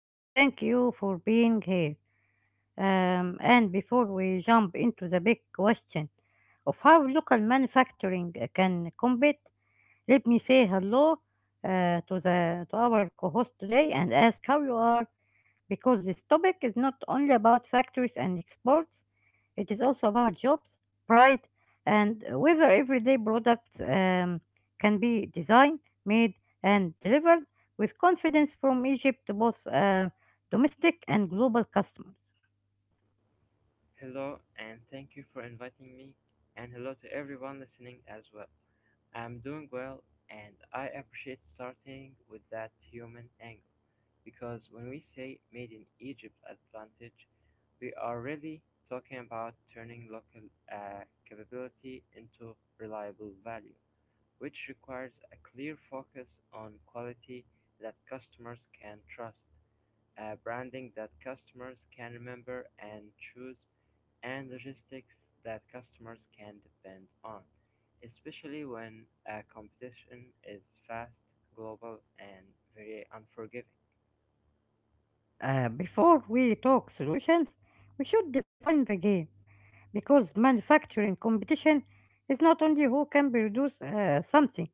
And thank you for being here. And before we jump into the big question of how local manufacturing can compete, let me say hello to the to our co-host today and ask how you are, because this topic is not only about factories and exports, it is also about jobs, pride, and whether everyday products can be designed, made, and delivered with confidence from Egypt to both domestic and global customers. Hello, and thank you for inviting me, and hello to everyone listening as well. I'm doing well, and I appreciate starting with that human angle because when we say made in Egypt advantage, we are really talking about turning local capability into reliable value, which requires a clear focus on quality that customers can trust, a branding that customers can remember and choose, and logistics that customers can depend on, especially when competition is fast, global, and very unforgiving. Before we talk solutions, we should define the game because manufacturing competition is not only who can produce something,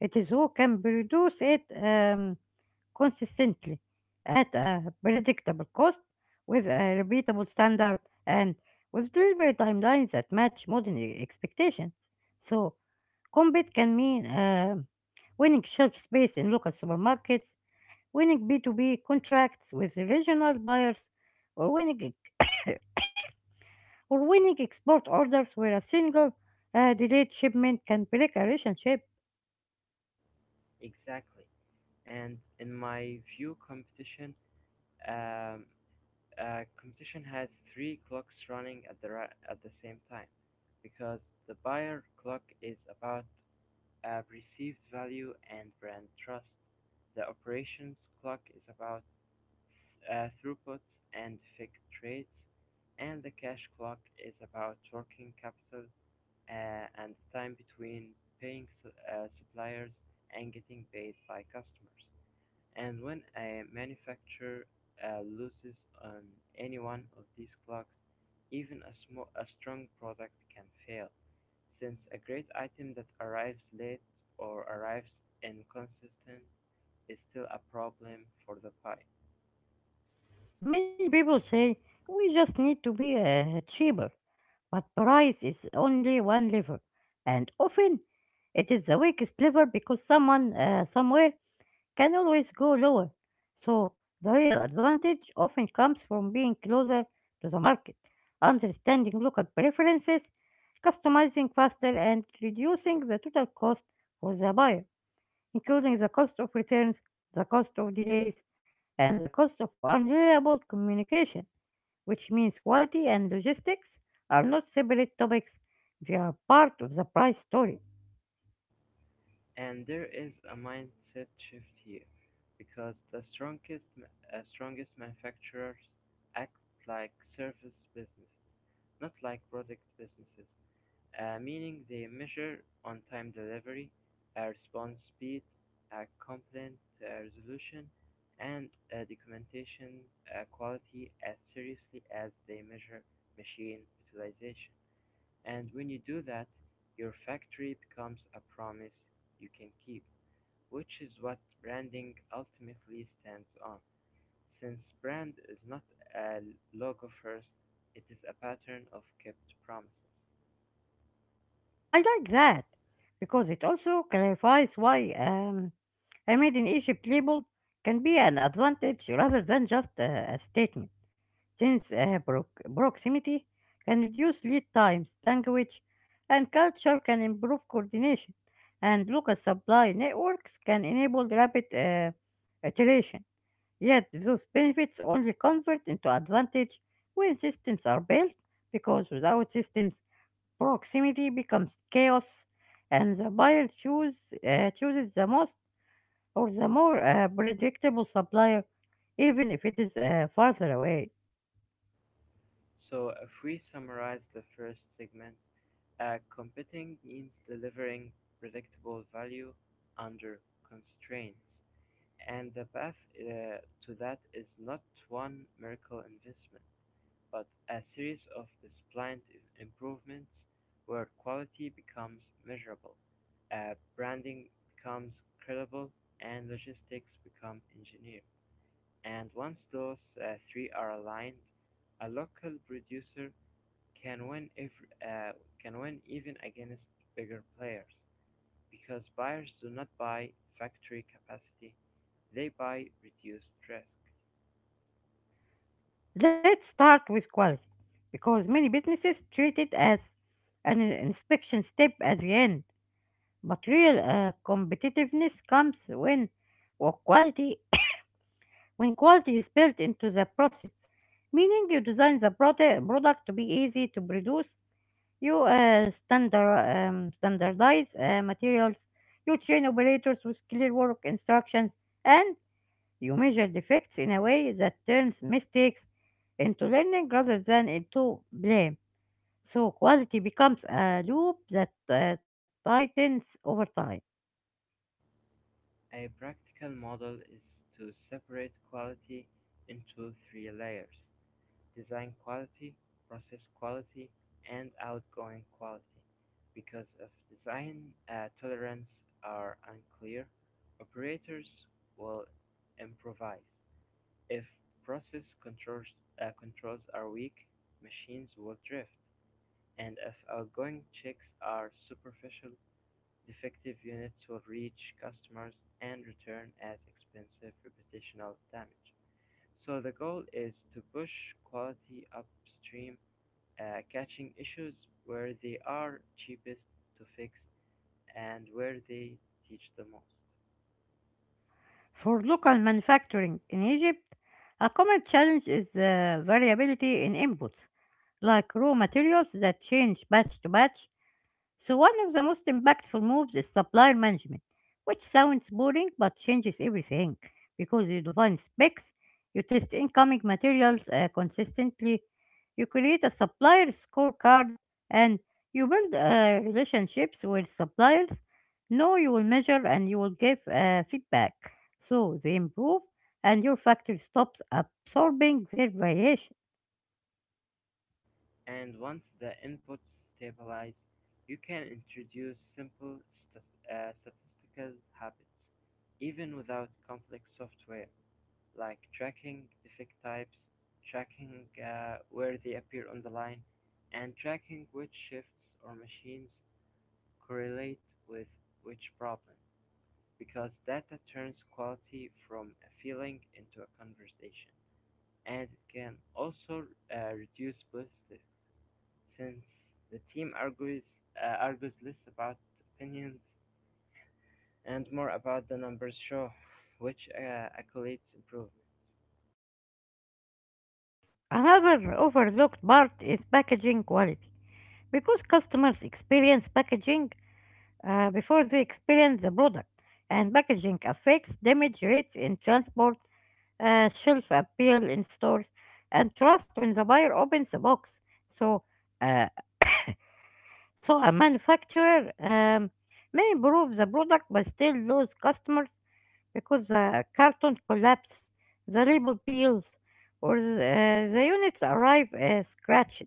it is who can produce it consistently at a predictable cost with a repeatable standard and with delivery timelines that match modern expectations. So, compete can mean winning shelf space in local supermarkets, winning B2B contracts with regional buyers, or winning, or winning export orders where a single delayed shipment can break a relationship. Exactly. And in my view, um, competition has three clocks running at at the same time, because the buyer clock is about perceived value and brand trust. The operations clock is about throughputs and fixed rates, and the cash clock is about working capital and the time between paying suppliers and getting paid by customers. And when a manufacturer loses on any one of these clocks, even a strong product can fail, since a great item that arrives late or arrives inconsistent is still a problem for the buyer. Many people say we just need to be cheaper, but price is only one lever, and often it is the weakest lever because someone somewhere can always go lower. So the real advantage often comes from being closer to the market, understanding local preferences, customizing faster, and reducing the total cost for the buyer, including the cost of returns, the cost of delays, and the cost of unreliable communication, which means quality and logistics are not separate topics, they are part of the price story. And there is a mindset shift here because the strongest manufacturers act like service business, not like product businesses, meaning they measure on time delivery, response speed, complaint resolution, and documentation quality as seriously as they measure machine utilization. And when you do that, your factory becomes a promise you can keep, which is what branding ultimately stands on. Since brand is not a logo first, it is a pattern of kept promises. I like that because it also clarifies why. I made in Egypt label can be an advantage rather than just a statement, since proximity can reduce lead times, language, and culture can improve coordination, and local supply networks can enable rapid iteration. Yet those benefits only convert into advantage when systems are built, because without systems, proximity becomes chaos, and the chooses the most or the more predictable supplier, even if it is farther away. So if we summarize the first segment, competing means delivering predictable value under constraints. And the path to that is not one miracle investment, but a series of disciplined improvements where quality becomes measurable, branding becomes credible, and logistics become engineered. And once those three are aligned, a local producer can win every, uh, can win even against bigger players, because buyers do not buy factory capacity, they buy reduced risk. Let's start with quality, because many businesses treat it as an inspection step at the end. But real competitiveness comes or quality when quality is built into the process, meaning you design the product to be easy to produce. You standardize materials. You train operators with clear work instructions and you measure defects in a way that turns mistakes into learning rather than into blame. So quality becomes a loop that tightens over time. A practical model is to separate quality into three layers: design quality, process quality, and outgoing quality. Because if design tolerance are unclear, operators will improvise. If process controls are weak, machines will drift. And if outgoing checks are superficial, defective units will reach customers and return as expensive reputational damage. So the goal is to push quality upstream, catching issues where they are cheapest to fix and where they teach the most. For local manufacturing in Egypt, a common challenge is variability in inputs, like raw materials that change batch to batch. So one of the most impactful moves is supplier management, which sounds boring but changes everything because you define specs, you test incoming materials consistently, you create a supplier scorecard, and you build relationships with suppliers. No, you will measure and you will give feedback, so they improve and your factory stops absorbing their variation. And once the inputs stabilize, you can introduce simple stas statistical habits, even without complex software, like tracking defect types, tracking where they appear on the line, and tracking which shifts or machines correlate with which problem, because data turns quality from a feeling into a conversation, and it can also reduce plastic, since the team argues less about opinions and more about the numbers show, which accolades improvement. Another overlooked part is packaging quality because customers experience packaging before they experience the product, and packaging affects damage rates in transport, shelf appeal in stores, and trust when the buyer opens the box. So, uh, so a manufacturer may improve the product but still lose customers because the carton collapses, the label peels, or the units arrive scratched.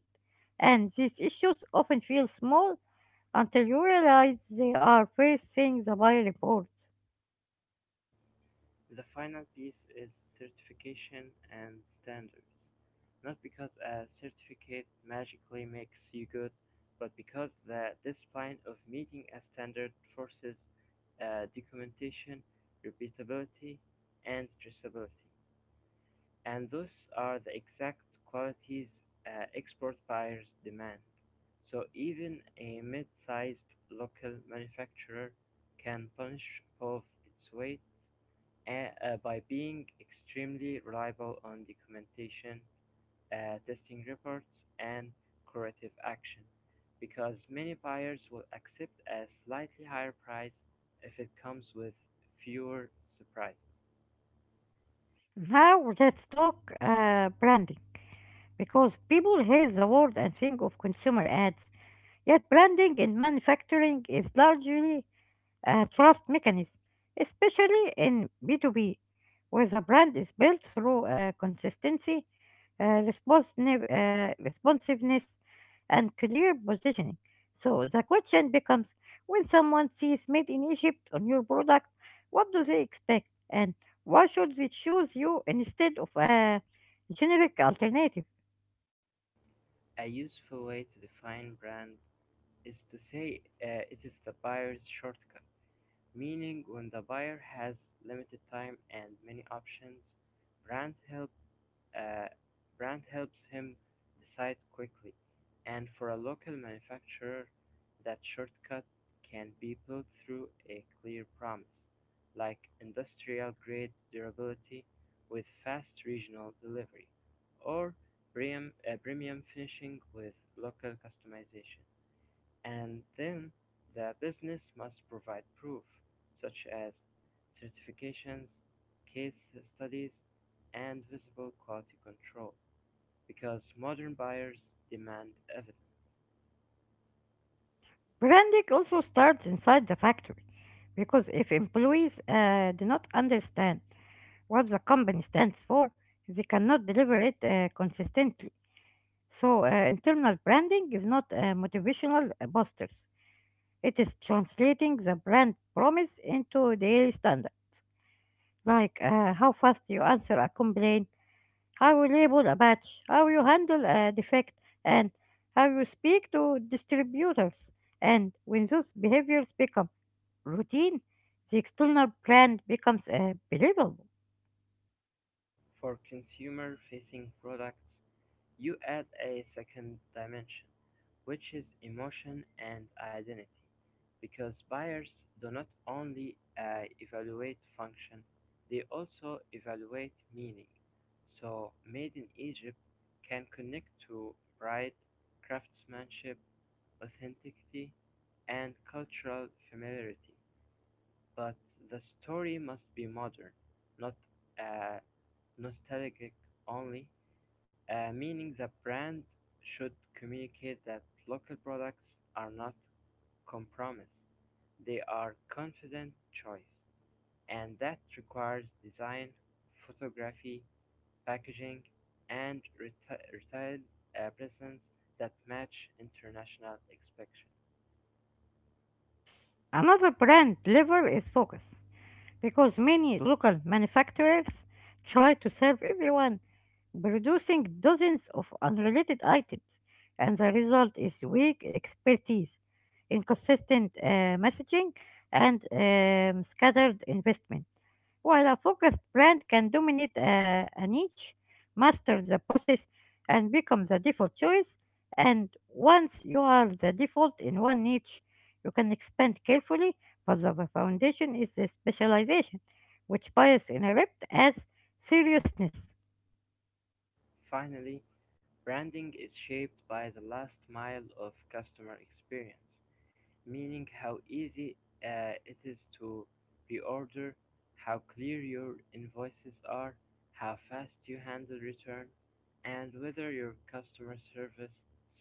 And these issues often feel small until you realize they are facing the buy reports. The final piece is certification and standards. Not because a certificate magically makes you good, but because the discipline of meeting a standard forces documentation, repeatability, and traceability. And those are the exact qualities export buyers demand. So even a mid-sized local manufacturer can punch above its weight, by being extremely reliable on documentation, testing reports, and corrective action, because many buyers will accept a slightly higher price if it comes with fewer surprises. Now let's talk branding because people hear the word and think of consumer ads, yet branding in manufacturing is largely a trust mechanism, especially in B2B, where the brand is built through consistency, responsiveness, and clear positioning. So the question becomes when someone sees made in Egypt on your product, what do they expect? And why should they choose you instead of a generic alternative? A useful way to define brand is to say it is the buyer's shortcut, meaning when the buyer has limited time and many options, brand help uh, brand helps him decide quickly. And for a local manufacturer, that shortcut can be built through a clear promise, like industrial grade durability with fast regional delivery, or premium finishing with local customization. And then the business must provide proof, such as certifications, case studies, and visible quality control, because modern buyers demand evidence. Branding also starts inside the factory because if employees do not understand what the company stands for, they cannot deliver it consistently. So, internal branding is not motivational boosters. It is translating the brand promise into daily standards, like how fast you answer a complaint, how you label a batch, how you handle a defect, and how you speak to distributors. And when those behaviors become routine, the external brand becomes believable. For consumer-facing products, you add a second dimension, which is emotion and identity, because buyers do not only evaluate function, they also evaluate meaning. So, made in Egypt can connect to pride, craftsmanship, authenticity, and cultural familiarity. But the story must be modern, not uh, nostalgic only, meaning the brand should communicate that local products are not compromise. They are confident choice, and that requires design, photography, packaging, and retail presence that match international expectations. Another brand lever is focus because many local manufacturers try to serve everyone, producing dozens of unrelated items, and the result is weak expertise, inconsistent messaging, and scattered investment. While a focused brand can dominate a niche, master the process, and become the default choice, and once you are the default in one niche, you can expand carefully, but the foundation is the specialization, which Pius interpret as seriousness. Finally, branding is shaped by the last mile of customer experience, meaning how easy it is to reorder, how clear your invoices are, how fast you handle returns, and whether your customer service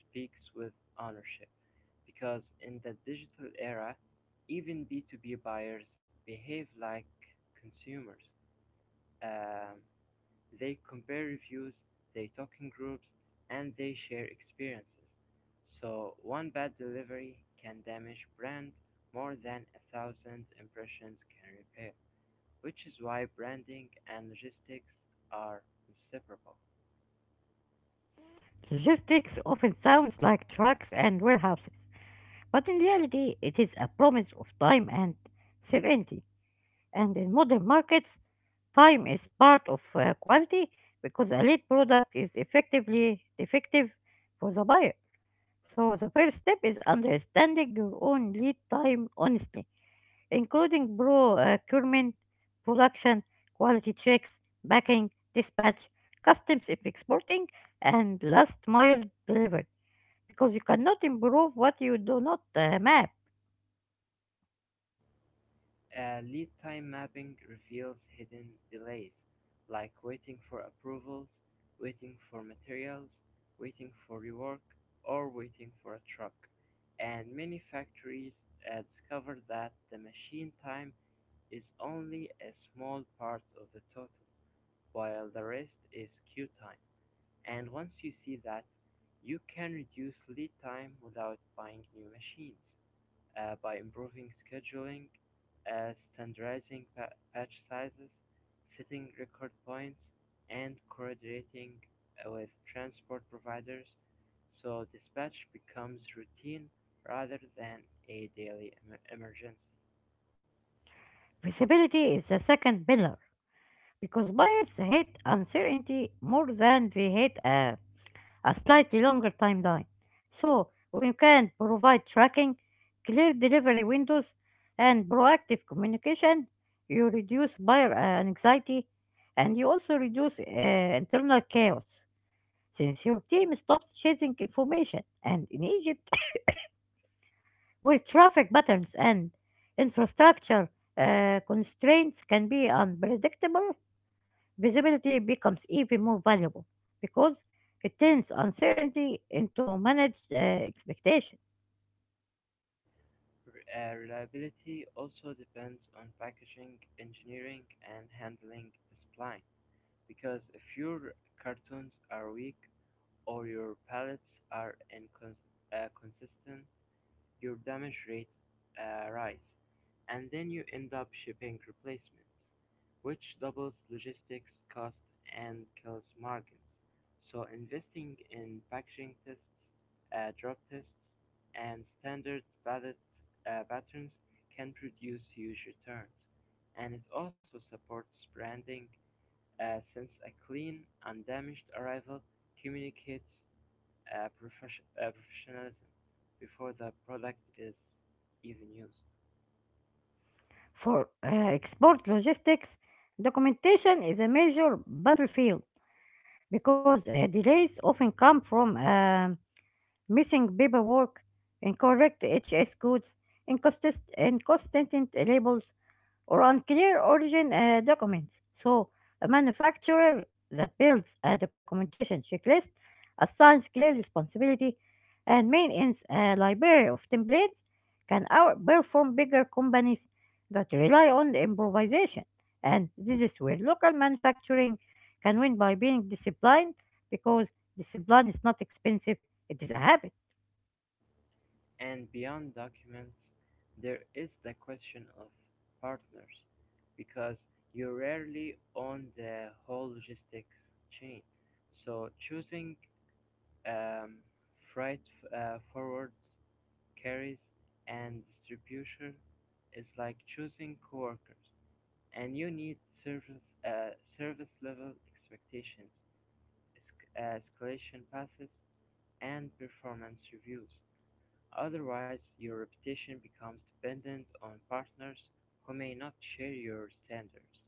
speaks with ownership. Because in the digital era, even B2B buyers behave like consumers. Um, they compare reviews, they talk in groups, and they share experiences. So one bad delivery can damage brand more than a thousand impressions can repair, which is why branding and logistics are inseparable. Logistics often sounds like trucks and warehouses, but in reality, it is a promise of time and serenity. And in modern markets, time is part of quality because a lead product is effectively defective for the buyer. So the first step is understanding your own lead time honestly, including procurement, production, quality checks, packing, dispatch, customs if exporting, and last mile delivery, because you cannot improve what you do not map. Lead time mapping reveals hidden delays, like waiting for approvals, waiting for materials, waiting for rework, or waiting for a truck. And many factories discover that the machine time is only a small part of the total, while the rest is queue time. And once you see that, you can reduce lead time without buying new machines by improving scheduling, standardizing patch sizes, setting record points, and coordinating with transport providers so dispatch becomes routine rather than a daily emergency. Visibility is the second pillar because buyers hate uncertainty more than they hate a slightly longer timeline. So we can provide tracking, clear delivery windows, and proactive communication. You reduce buyer anxiety and you also reduce internal chaos since your team stops chasing information. And in Egypt, where traffic patterns and infrastructure constraints can be unpredictable, visibility becomes even more valuable because it turns uncertainty into managed expectation. Reliability also depends on packaging, engineering, and handling the spline, because if your cartons are weak or your pallets are consistent, your damage rate rise, and then you end up shipping replacements, which doubles logistics cost and kills margins. So investing in packaging tests, drop tests, and standard pallet patterns can produce huge returns. And it also supports branding, since a clean, undamaged arrival communicates professionalism before the product is even used. For export logistics, documentation is a major battlefield because delays often come from missing paperwork, incorrect HS codes, inconsistent labels, or unclear origin documents. So, a manufacturer that builds a documentation checklist, assigns clear responsibility, and maintains a library of templates can outperform bigger companies that rely on improvisation. And this is where local manufacturing can win by being disciplined, because discipline is not expensive, it is a habit. And beyond documents, there is the question of partners, because you rarely own the whole logistics chain. So choosing um, freight forwards, carriers, and distribution is like choosing coworkers, and you need service service level expectations, escalation paths, and performance reviews. Otherwise, your reputation becomes dependent on partners who may not share your standards,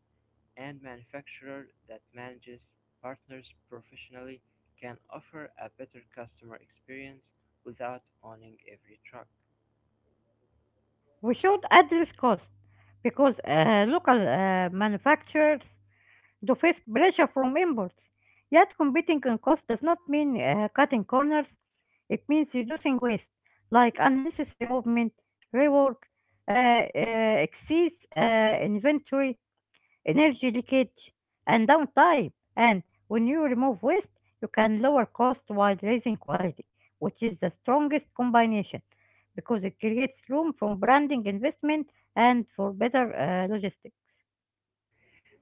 and manufacturers that manages partners professionally can offer a better customer experience without owning every truck. We should address cost because local manufacturers to face pressure from imports. Yet competing on cost does not mean cutting corners, it means reducing waste, like unnecessary movement, rework, excess inventory, energy leakage, and downtime. And when you remove waste, you can lower cost while raising quality, which is the strongest combination because it creates room for branding investment and for better logistics.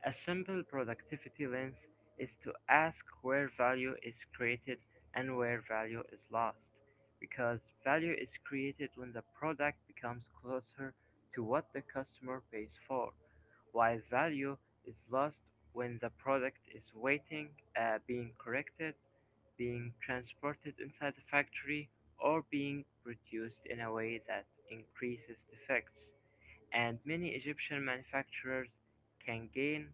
A simple productivity lens is to ask where value is created and where value is lost, because value is created when the product becomes closer to what the customer pays for, while value is lost when the product is waiting, being corrected, being transported inside the factory, or being produced in a way that increases defects. And many Egyptian manufacturers can gain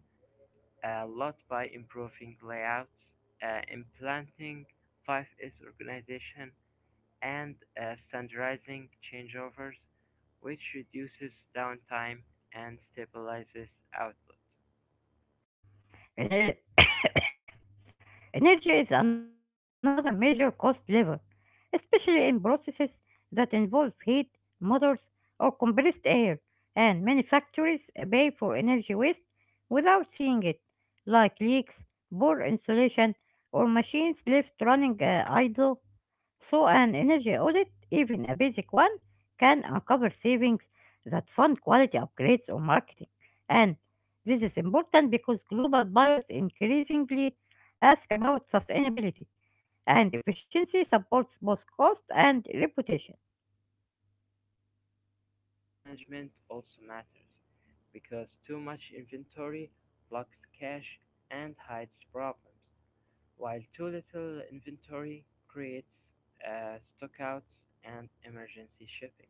a lot by improving layouts, implanting 5S organization, and standardizing changeovers, which reduces downtime and stabilizes output. Uh, Energy is another major cost lever, especially in processes that involve heat, motors, or compressed air, and many factories pay for energy waste without seeing it, like leaks, poor insulation, or machines left running idle, so an energy audit, even a basic one, can uncover savings that fund quality upgrades or marketing. And this is important because global buyers increasingly ask about sustainability, and efficiency supports both cost and reputation. Inventory management also matters because too much inventory blocks cash and hides problems. While too little inventory creates stockouts and emergency shipping,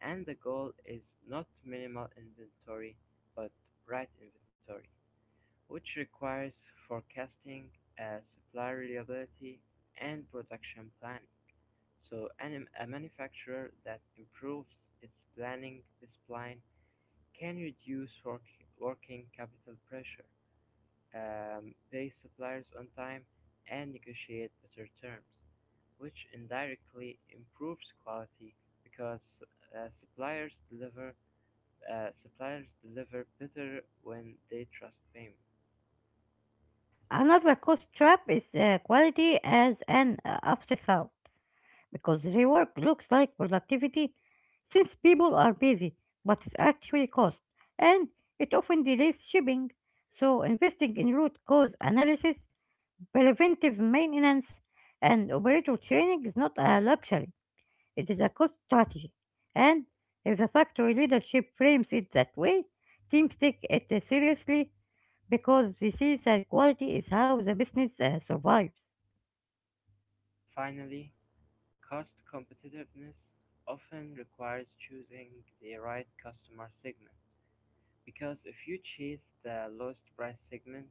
and the goal is not minimal inventory but right inventory, which requires forecasting, uh, supply reliability, and production planning. So, a manufacturer that improves its planning discipline can reduce working capital pressure, pay suppliers on time, and negotiate better terms, which indirectly improves quality because uh, suppliers deliver suppliers deliver better when they trust payment. Another cost trap is quality as an afterthought, because rework looks like productivity since people are busy, but it's actually cost, and it often delays shipping. So, investing in root cause analysis, preventive maintenance, and operator training is not a luxury, it is a cost strategy. And if the factory leadership frames it that way, teams take it seriously because they see that quality is how the business survives. Finally, cost competitiveness often requires choosing the right customer segment, because if you chase the lowest price segment,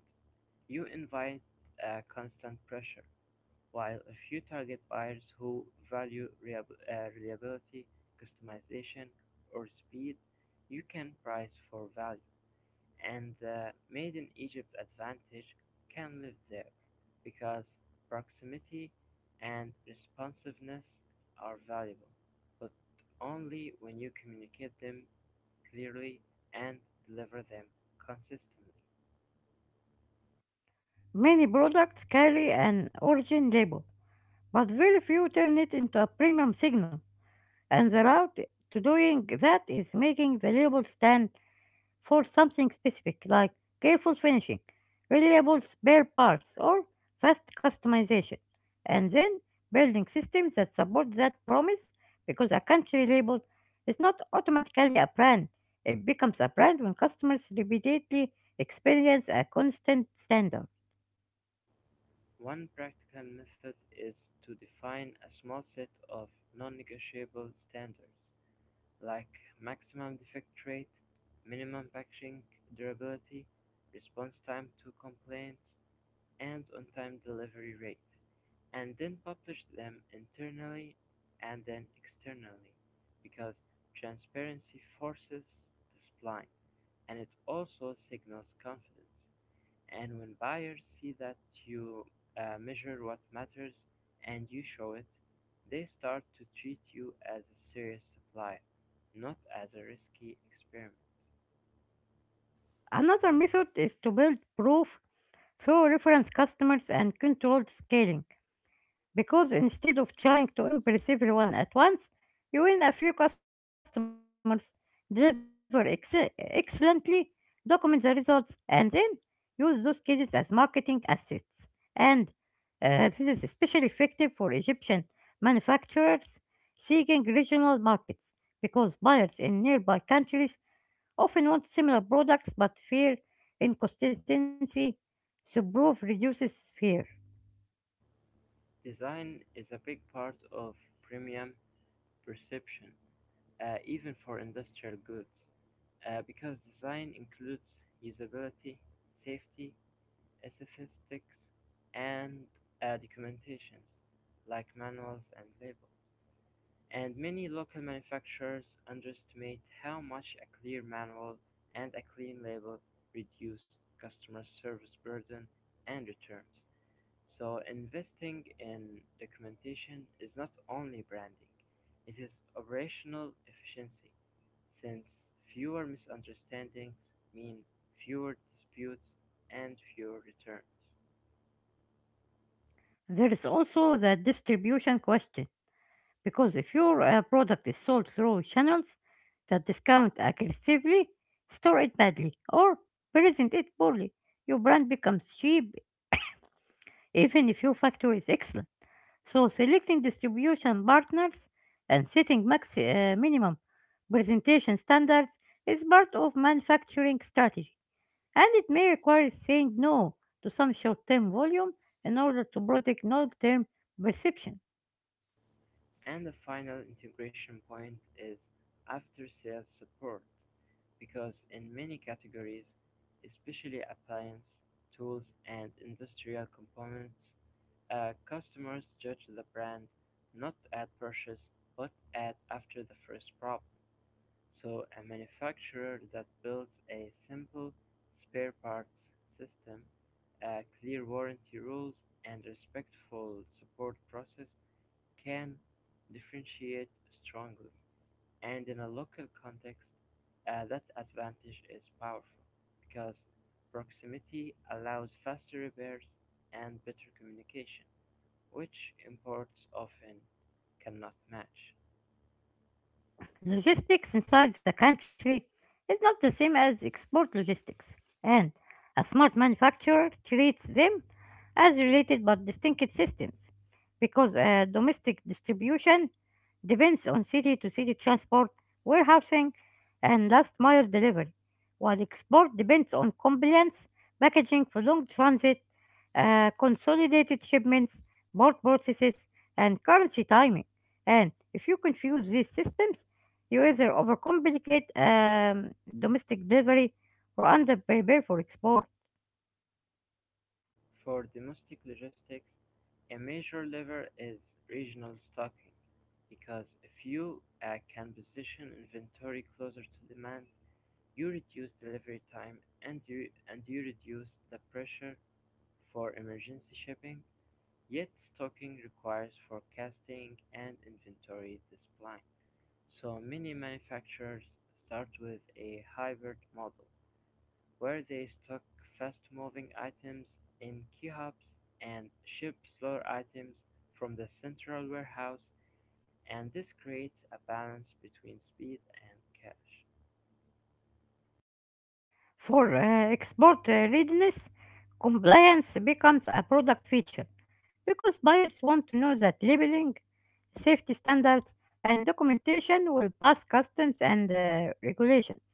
you invite constant pressure. While a few target buyers who value reliability, customization, or speed, you can price for value. And the Made in Egypt advantage can live there because proximity and responsiveness are valuable, but only when you communicate them clearly and deliver them consistently. Many products carry an origin label, but very few turn it into a premium signal, and the route to doing that is making the label stand for something specific, like careful finishing, reliable spare parts, or fast customization, and then building systems that support that promise, because a country label is not automatically a brand. It becomes a brand when customers repeatedly experience a constant standard. One practical method is to define a small set of non-negotiable standards, like maximum defect rate, minimum packaging durability, response time to complaints, and on-time delivery rate, and then publish them internally and then externally, because transparency forces this blind, and it also signals confidence. And when buyers see that you measure what matters and you show it, they start to treat you as a serious supplier, not as a risky experiment. Another method is to build proof through reference customers and controlled scaling, because instead of trying to impress everyone at once, you win a few customers, deliver excellently, document the results, and then use those cases as marketing assets. And this is especially effective for Egyptian manufacturers seeking regional markets, because buyers in nearby countries often want similar products but fear inconsistency. So proof reduces fear. Design is a big part of premium perception, even for industrial goods, because design includes usability, safety, aesthetics, and documentations like manuals and labels. And many local manufacturers underestimate how much a clear manual and a clean label reduce customer service burden and returns. So, investing in documentation is not only branding, it is operational efficiency, since fewer misunderstandings mean fewer disputes and fewer returns. There is also the distribution question, because if your product is sold through channels that discount aggressively, store it badly, or present it poorly, your brand becomes cheap even if your factory is excellent. So, selecting distribution partners and setting minimum presentation standards is part of manufacturing strategy, and it may require saying no to some short-term volume in order to protect long-term perception. And the final integration point is after sales support, because in many categories, especially appliance, tools, and industrial components, customers judge the brand not at purchase but at after the first problem. So a manufacturer that builds a simple spare parts system, clear warranty rules, and respectful support process can differentiate strongly. And in a local context, that advantage is powerful because proximity allows faster repairs and better communication, which imports often cannot match. Logistics inside the country is not the same as export logistics, and a smart manufacturer treats them as related but distinct systems, because domestic distribution depends on city to city transport, warehousing, and last mile delivery, while export depends on compliance, packaging for long transit, consolidated shipments, port processes, and currency timing. And if you confuse these systems, you either overcomplicate domestic delivery or underprepare for export. For domestic logistics, a major lever is regional stocking because if you can position inventory closer to demand, you reduce delivery time and you reduce the pressure for emergency shipping. Yet stocking requires forecasting and inventory discipline, so many manufacturers start with a hybrid model, where they stock fast-moving items in key hubs and ship slower items from the central warehouse, and this creates a balance between speed and cash. For export readiness, compliance becomes a product feature because buyers want to know that labeling, safety standards, and documentation will pass customs and regulations.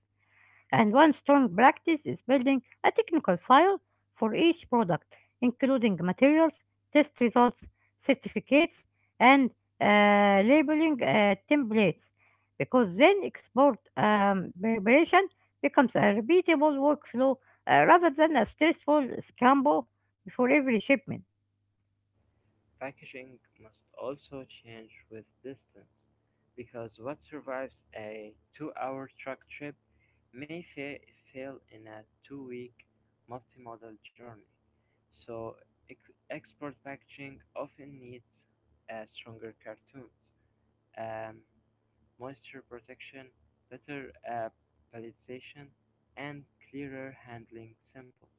And one strong practice is building a technical file for each product, including materials, test results, certificates, and labeling templates, because then export preparation becomes a repeatable workflow rather than a stressful scramble before every shipment. Packaging must also change with distance, because what survives a two-hour truck trip may fa- fail in a two-week multimodal journey. So export packaging often needs stronger cartoons, Um, moisture protection, better palletization, and clearer handling samples.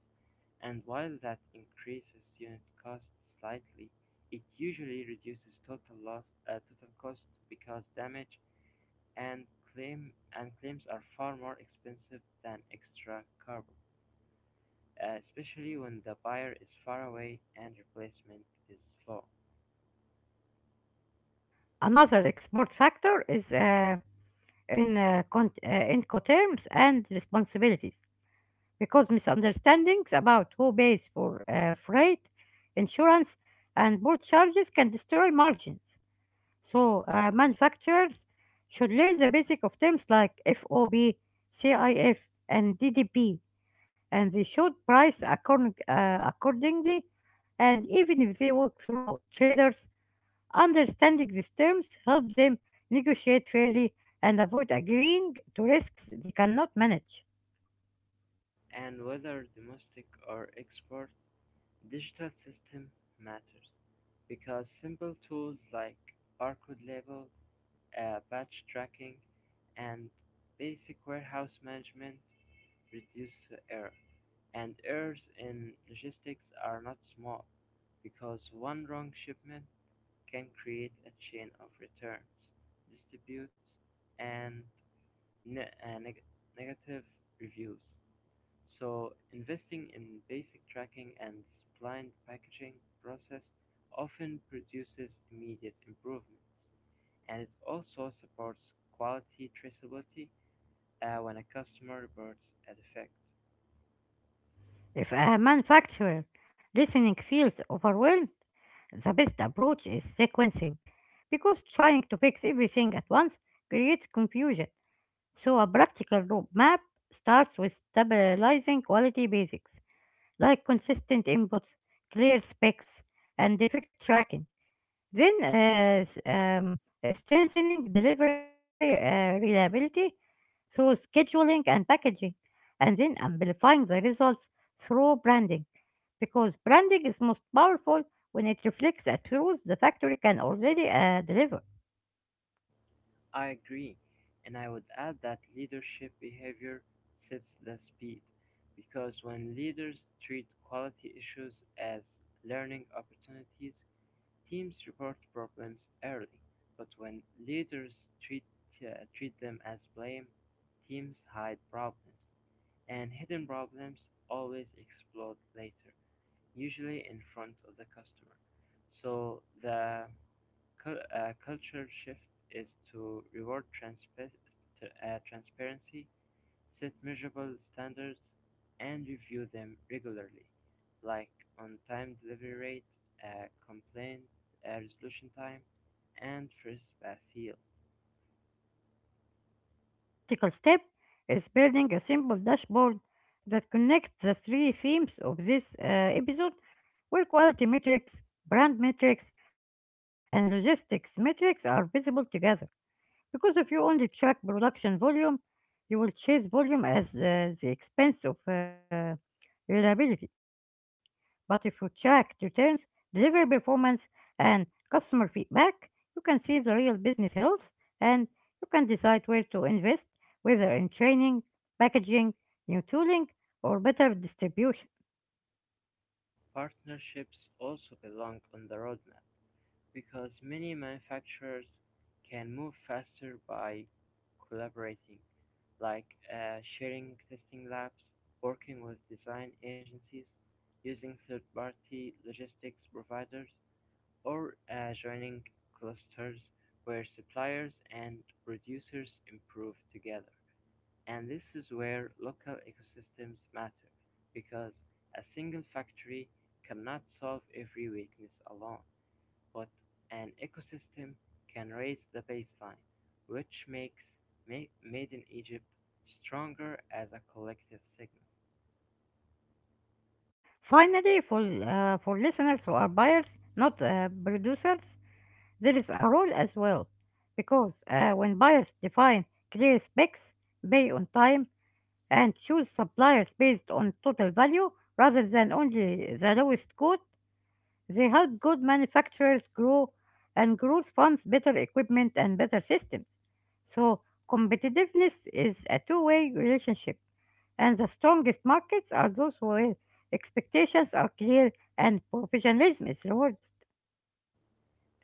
And while that increases unit cost slightly, it usually reduces total loss, total cost because damage and claim claims are far more expensive than extra carbon, especially when the buyer is far away and replacement is slow. Another export factor is Incoterms and responsibilities because misunderstandings about who pays for freight, insurance, and port charges can destroy margins. So, manufacturers should learn the basic of terms like FOB, CIF, and DDP, and they should price accordingly. And even if they work through traders, understanding these terms helps them negotiate fairly and avoid agreeing to risks they cannot manage. And whether domestic or export, digital system matters because simple tools like barcode label, batch tracking, and basic warehouse management reduce error. And errors in logistics are not small because one wrong shipment can create a chain of returns, disputes, and ne- uh, neg- negative reviews. So investing in basic tracking and splined packaging process often produces immediate improvements, and it also supports quality traceability when a customer reports a defect. If a manufacturer listening feels overwhelmed, the best approach is sequencing because trying to fix everything at once creates confusion. So, a practical roadmap starts with stabilizing quality basics like consistent inputs, clear specs, and defect tracking. Then, strengthening delivery reliability through scheduling and packaging, and then amplifying the results through branding. Because branding is most powerful when it reflects a truth the factory can already deliver. I agree, and I would add that leadership behavior sets the speed, because when leaders treat quality issues as learning opportunities, teams report problems early, but when leaders treat, treat them as blame, teams hide problems, and hidden problems always explode later, usually in front of the customer. So the culture shift is to reward transparency, set measurable standards, and review them regularly, like on-time delivery rate, complaint resolution time, and first-pass yield. Another practical step is building a simple dashboard that connects the three themes of this episode, where quality metrics, brand metrics, and logistics metrics are visible together. Because if you only track production volume, you will chase volume at the expense of reliability. But if you track returns, delivery performance, and customer feedback, you can see the real business health and you can decide where to invest, whether in training, packaging, new tooling, or better distribution. Partnerships also belong on the roadmap because many manufacturers can move faster by collaborating, like sharing testing labs, working with design agencies, using third-party logistics providers, or adjoining clusters where suppliers and producers improve together. And this is where local ecosystems matter because a single factory cannot solve every weakness alone, but an ecosystem can raise the baseline, which makes Made in Egypt stronger as a collective signal. Finally, for listeners who are buyers, not producers, there is a rule as well because when buyers define clear specs, pay on time, and choose suppliers based on total value rather than only the lowest quote, they help good manufacturers grow and grows funds better equipment and better systems. So, competitiveness is a two-way relationship, and the strongest markets are those where expectations are clear and professionalism is rewarded.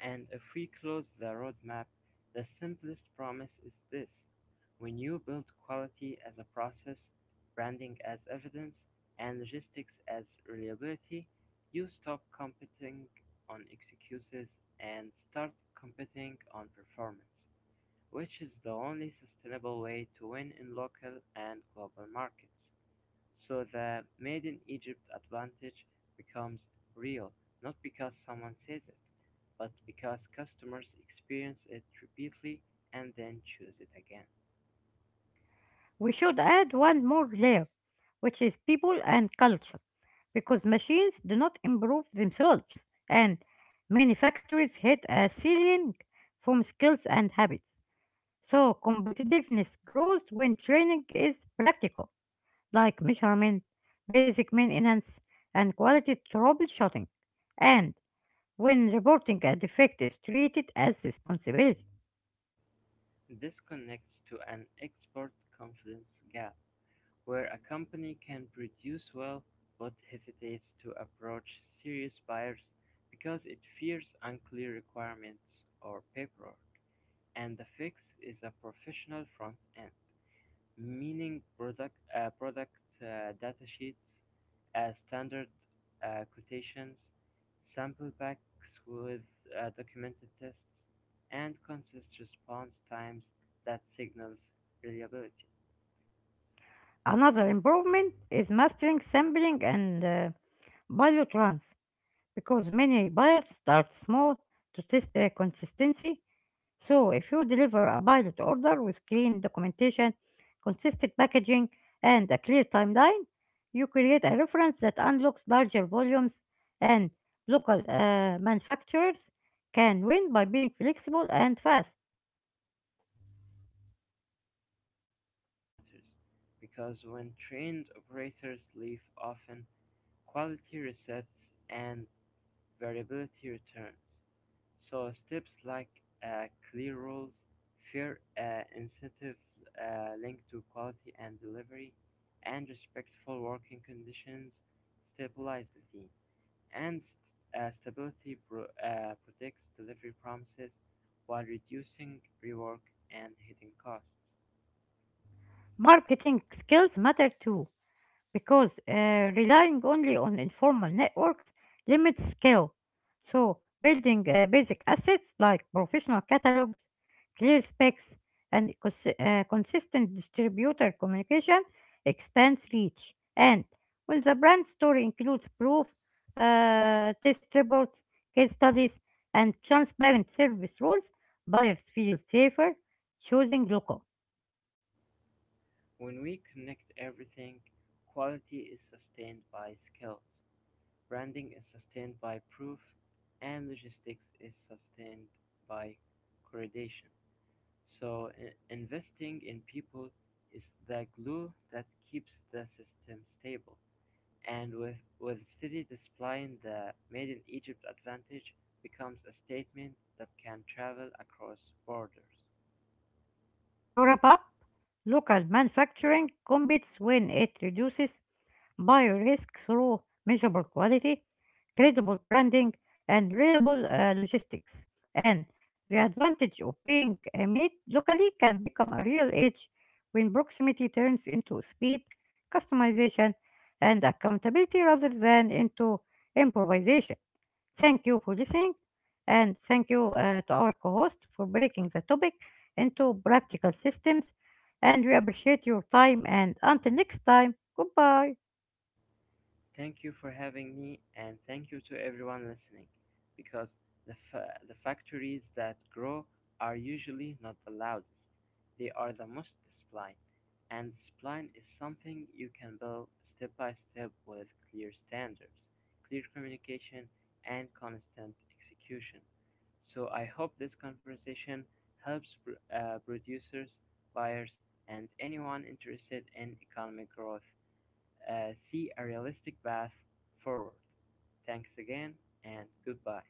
And if we close the roadmap, the simplest promise is this: when you build quality as a process, branding as evidence, and logistics as reliability, you stop competing on excuses and start competing on performance, which is the only sustainable way to win in local and global markets. So the Made in Egypt advantage becomes real, not because someone says it, but because customers experience it repeatedly and then choose it again. We should add one more layer, which is people and culture, because machines do not improve themselves, and many factories hit a ceiling from skills and habits. So, competitiveness grows when training is practical, like measurement, basic maintenance, and quality troubleshooting, and when reporting a defect is treated as responsibility. This connects to an export confidence gap, where a company can produce well but hesitates to approach serious buyers because it fears unclear requirements or paperwork, and the fix is a professional front end, meaning product datasheets, standard quotations, sample packs with documented tests, and consistent response times that signals reliability. Another improvement is mastering sampling and pilot runs because many buyers start small to test the consistency. So, if you deliver a pilot order with clean documentation, consistent packaging, and a clear timeline, you create a reference that unlocks larger volumes, and local manufacturers can win by being flexible and fast. Talent retention matters because when trained operators leave often, quality resets and variability returns. So steps like clear rules, fair incentive linked to quality and delivery, and respectful working conditions stabilize the team. And stability protects delivery promises while reducing rework and hidden costs. Marketing skills matter too because relying only on informal networks limits scale. So, building basic assets like professional catalogs, clear specs, and consistent distributor communication expands reach. And when the brand story includes proof, test reports, case studies, and transparent service rules, buyers feel safer choosing local. When we connect everything, quality is sustained by skills. Branding is sustained by proof, and logistics is sustained by correlation. So investing in people is the glue that keeps the system stable. And with steady displaying, the Made in Egypt advantage becomes a statement that can travel across borders. To wrap up, local manufacturing competes when it reduces biorisk through measurable quality, credible branding, and reliable logistics. And the advantage of being made locally can become a real edge when proximity turns into speed, customization, and accountability rather than into improvisation. Thank you for listening, and thank you to our co host for breaking the topic into practical systems. And we appreciate your time. And until next time, goodbye. Thank you for having me, and thank you to everyone listening, because the factories that grow are usually not the loudest. They are the most disciplined, and discipline is something you can build step by step with clear standards, clear communication, and constant execution. So I hope this conversation helps producers, buyers, and anyone interested in economic growth see a realistic path forward. Thanks again and goodbye.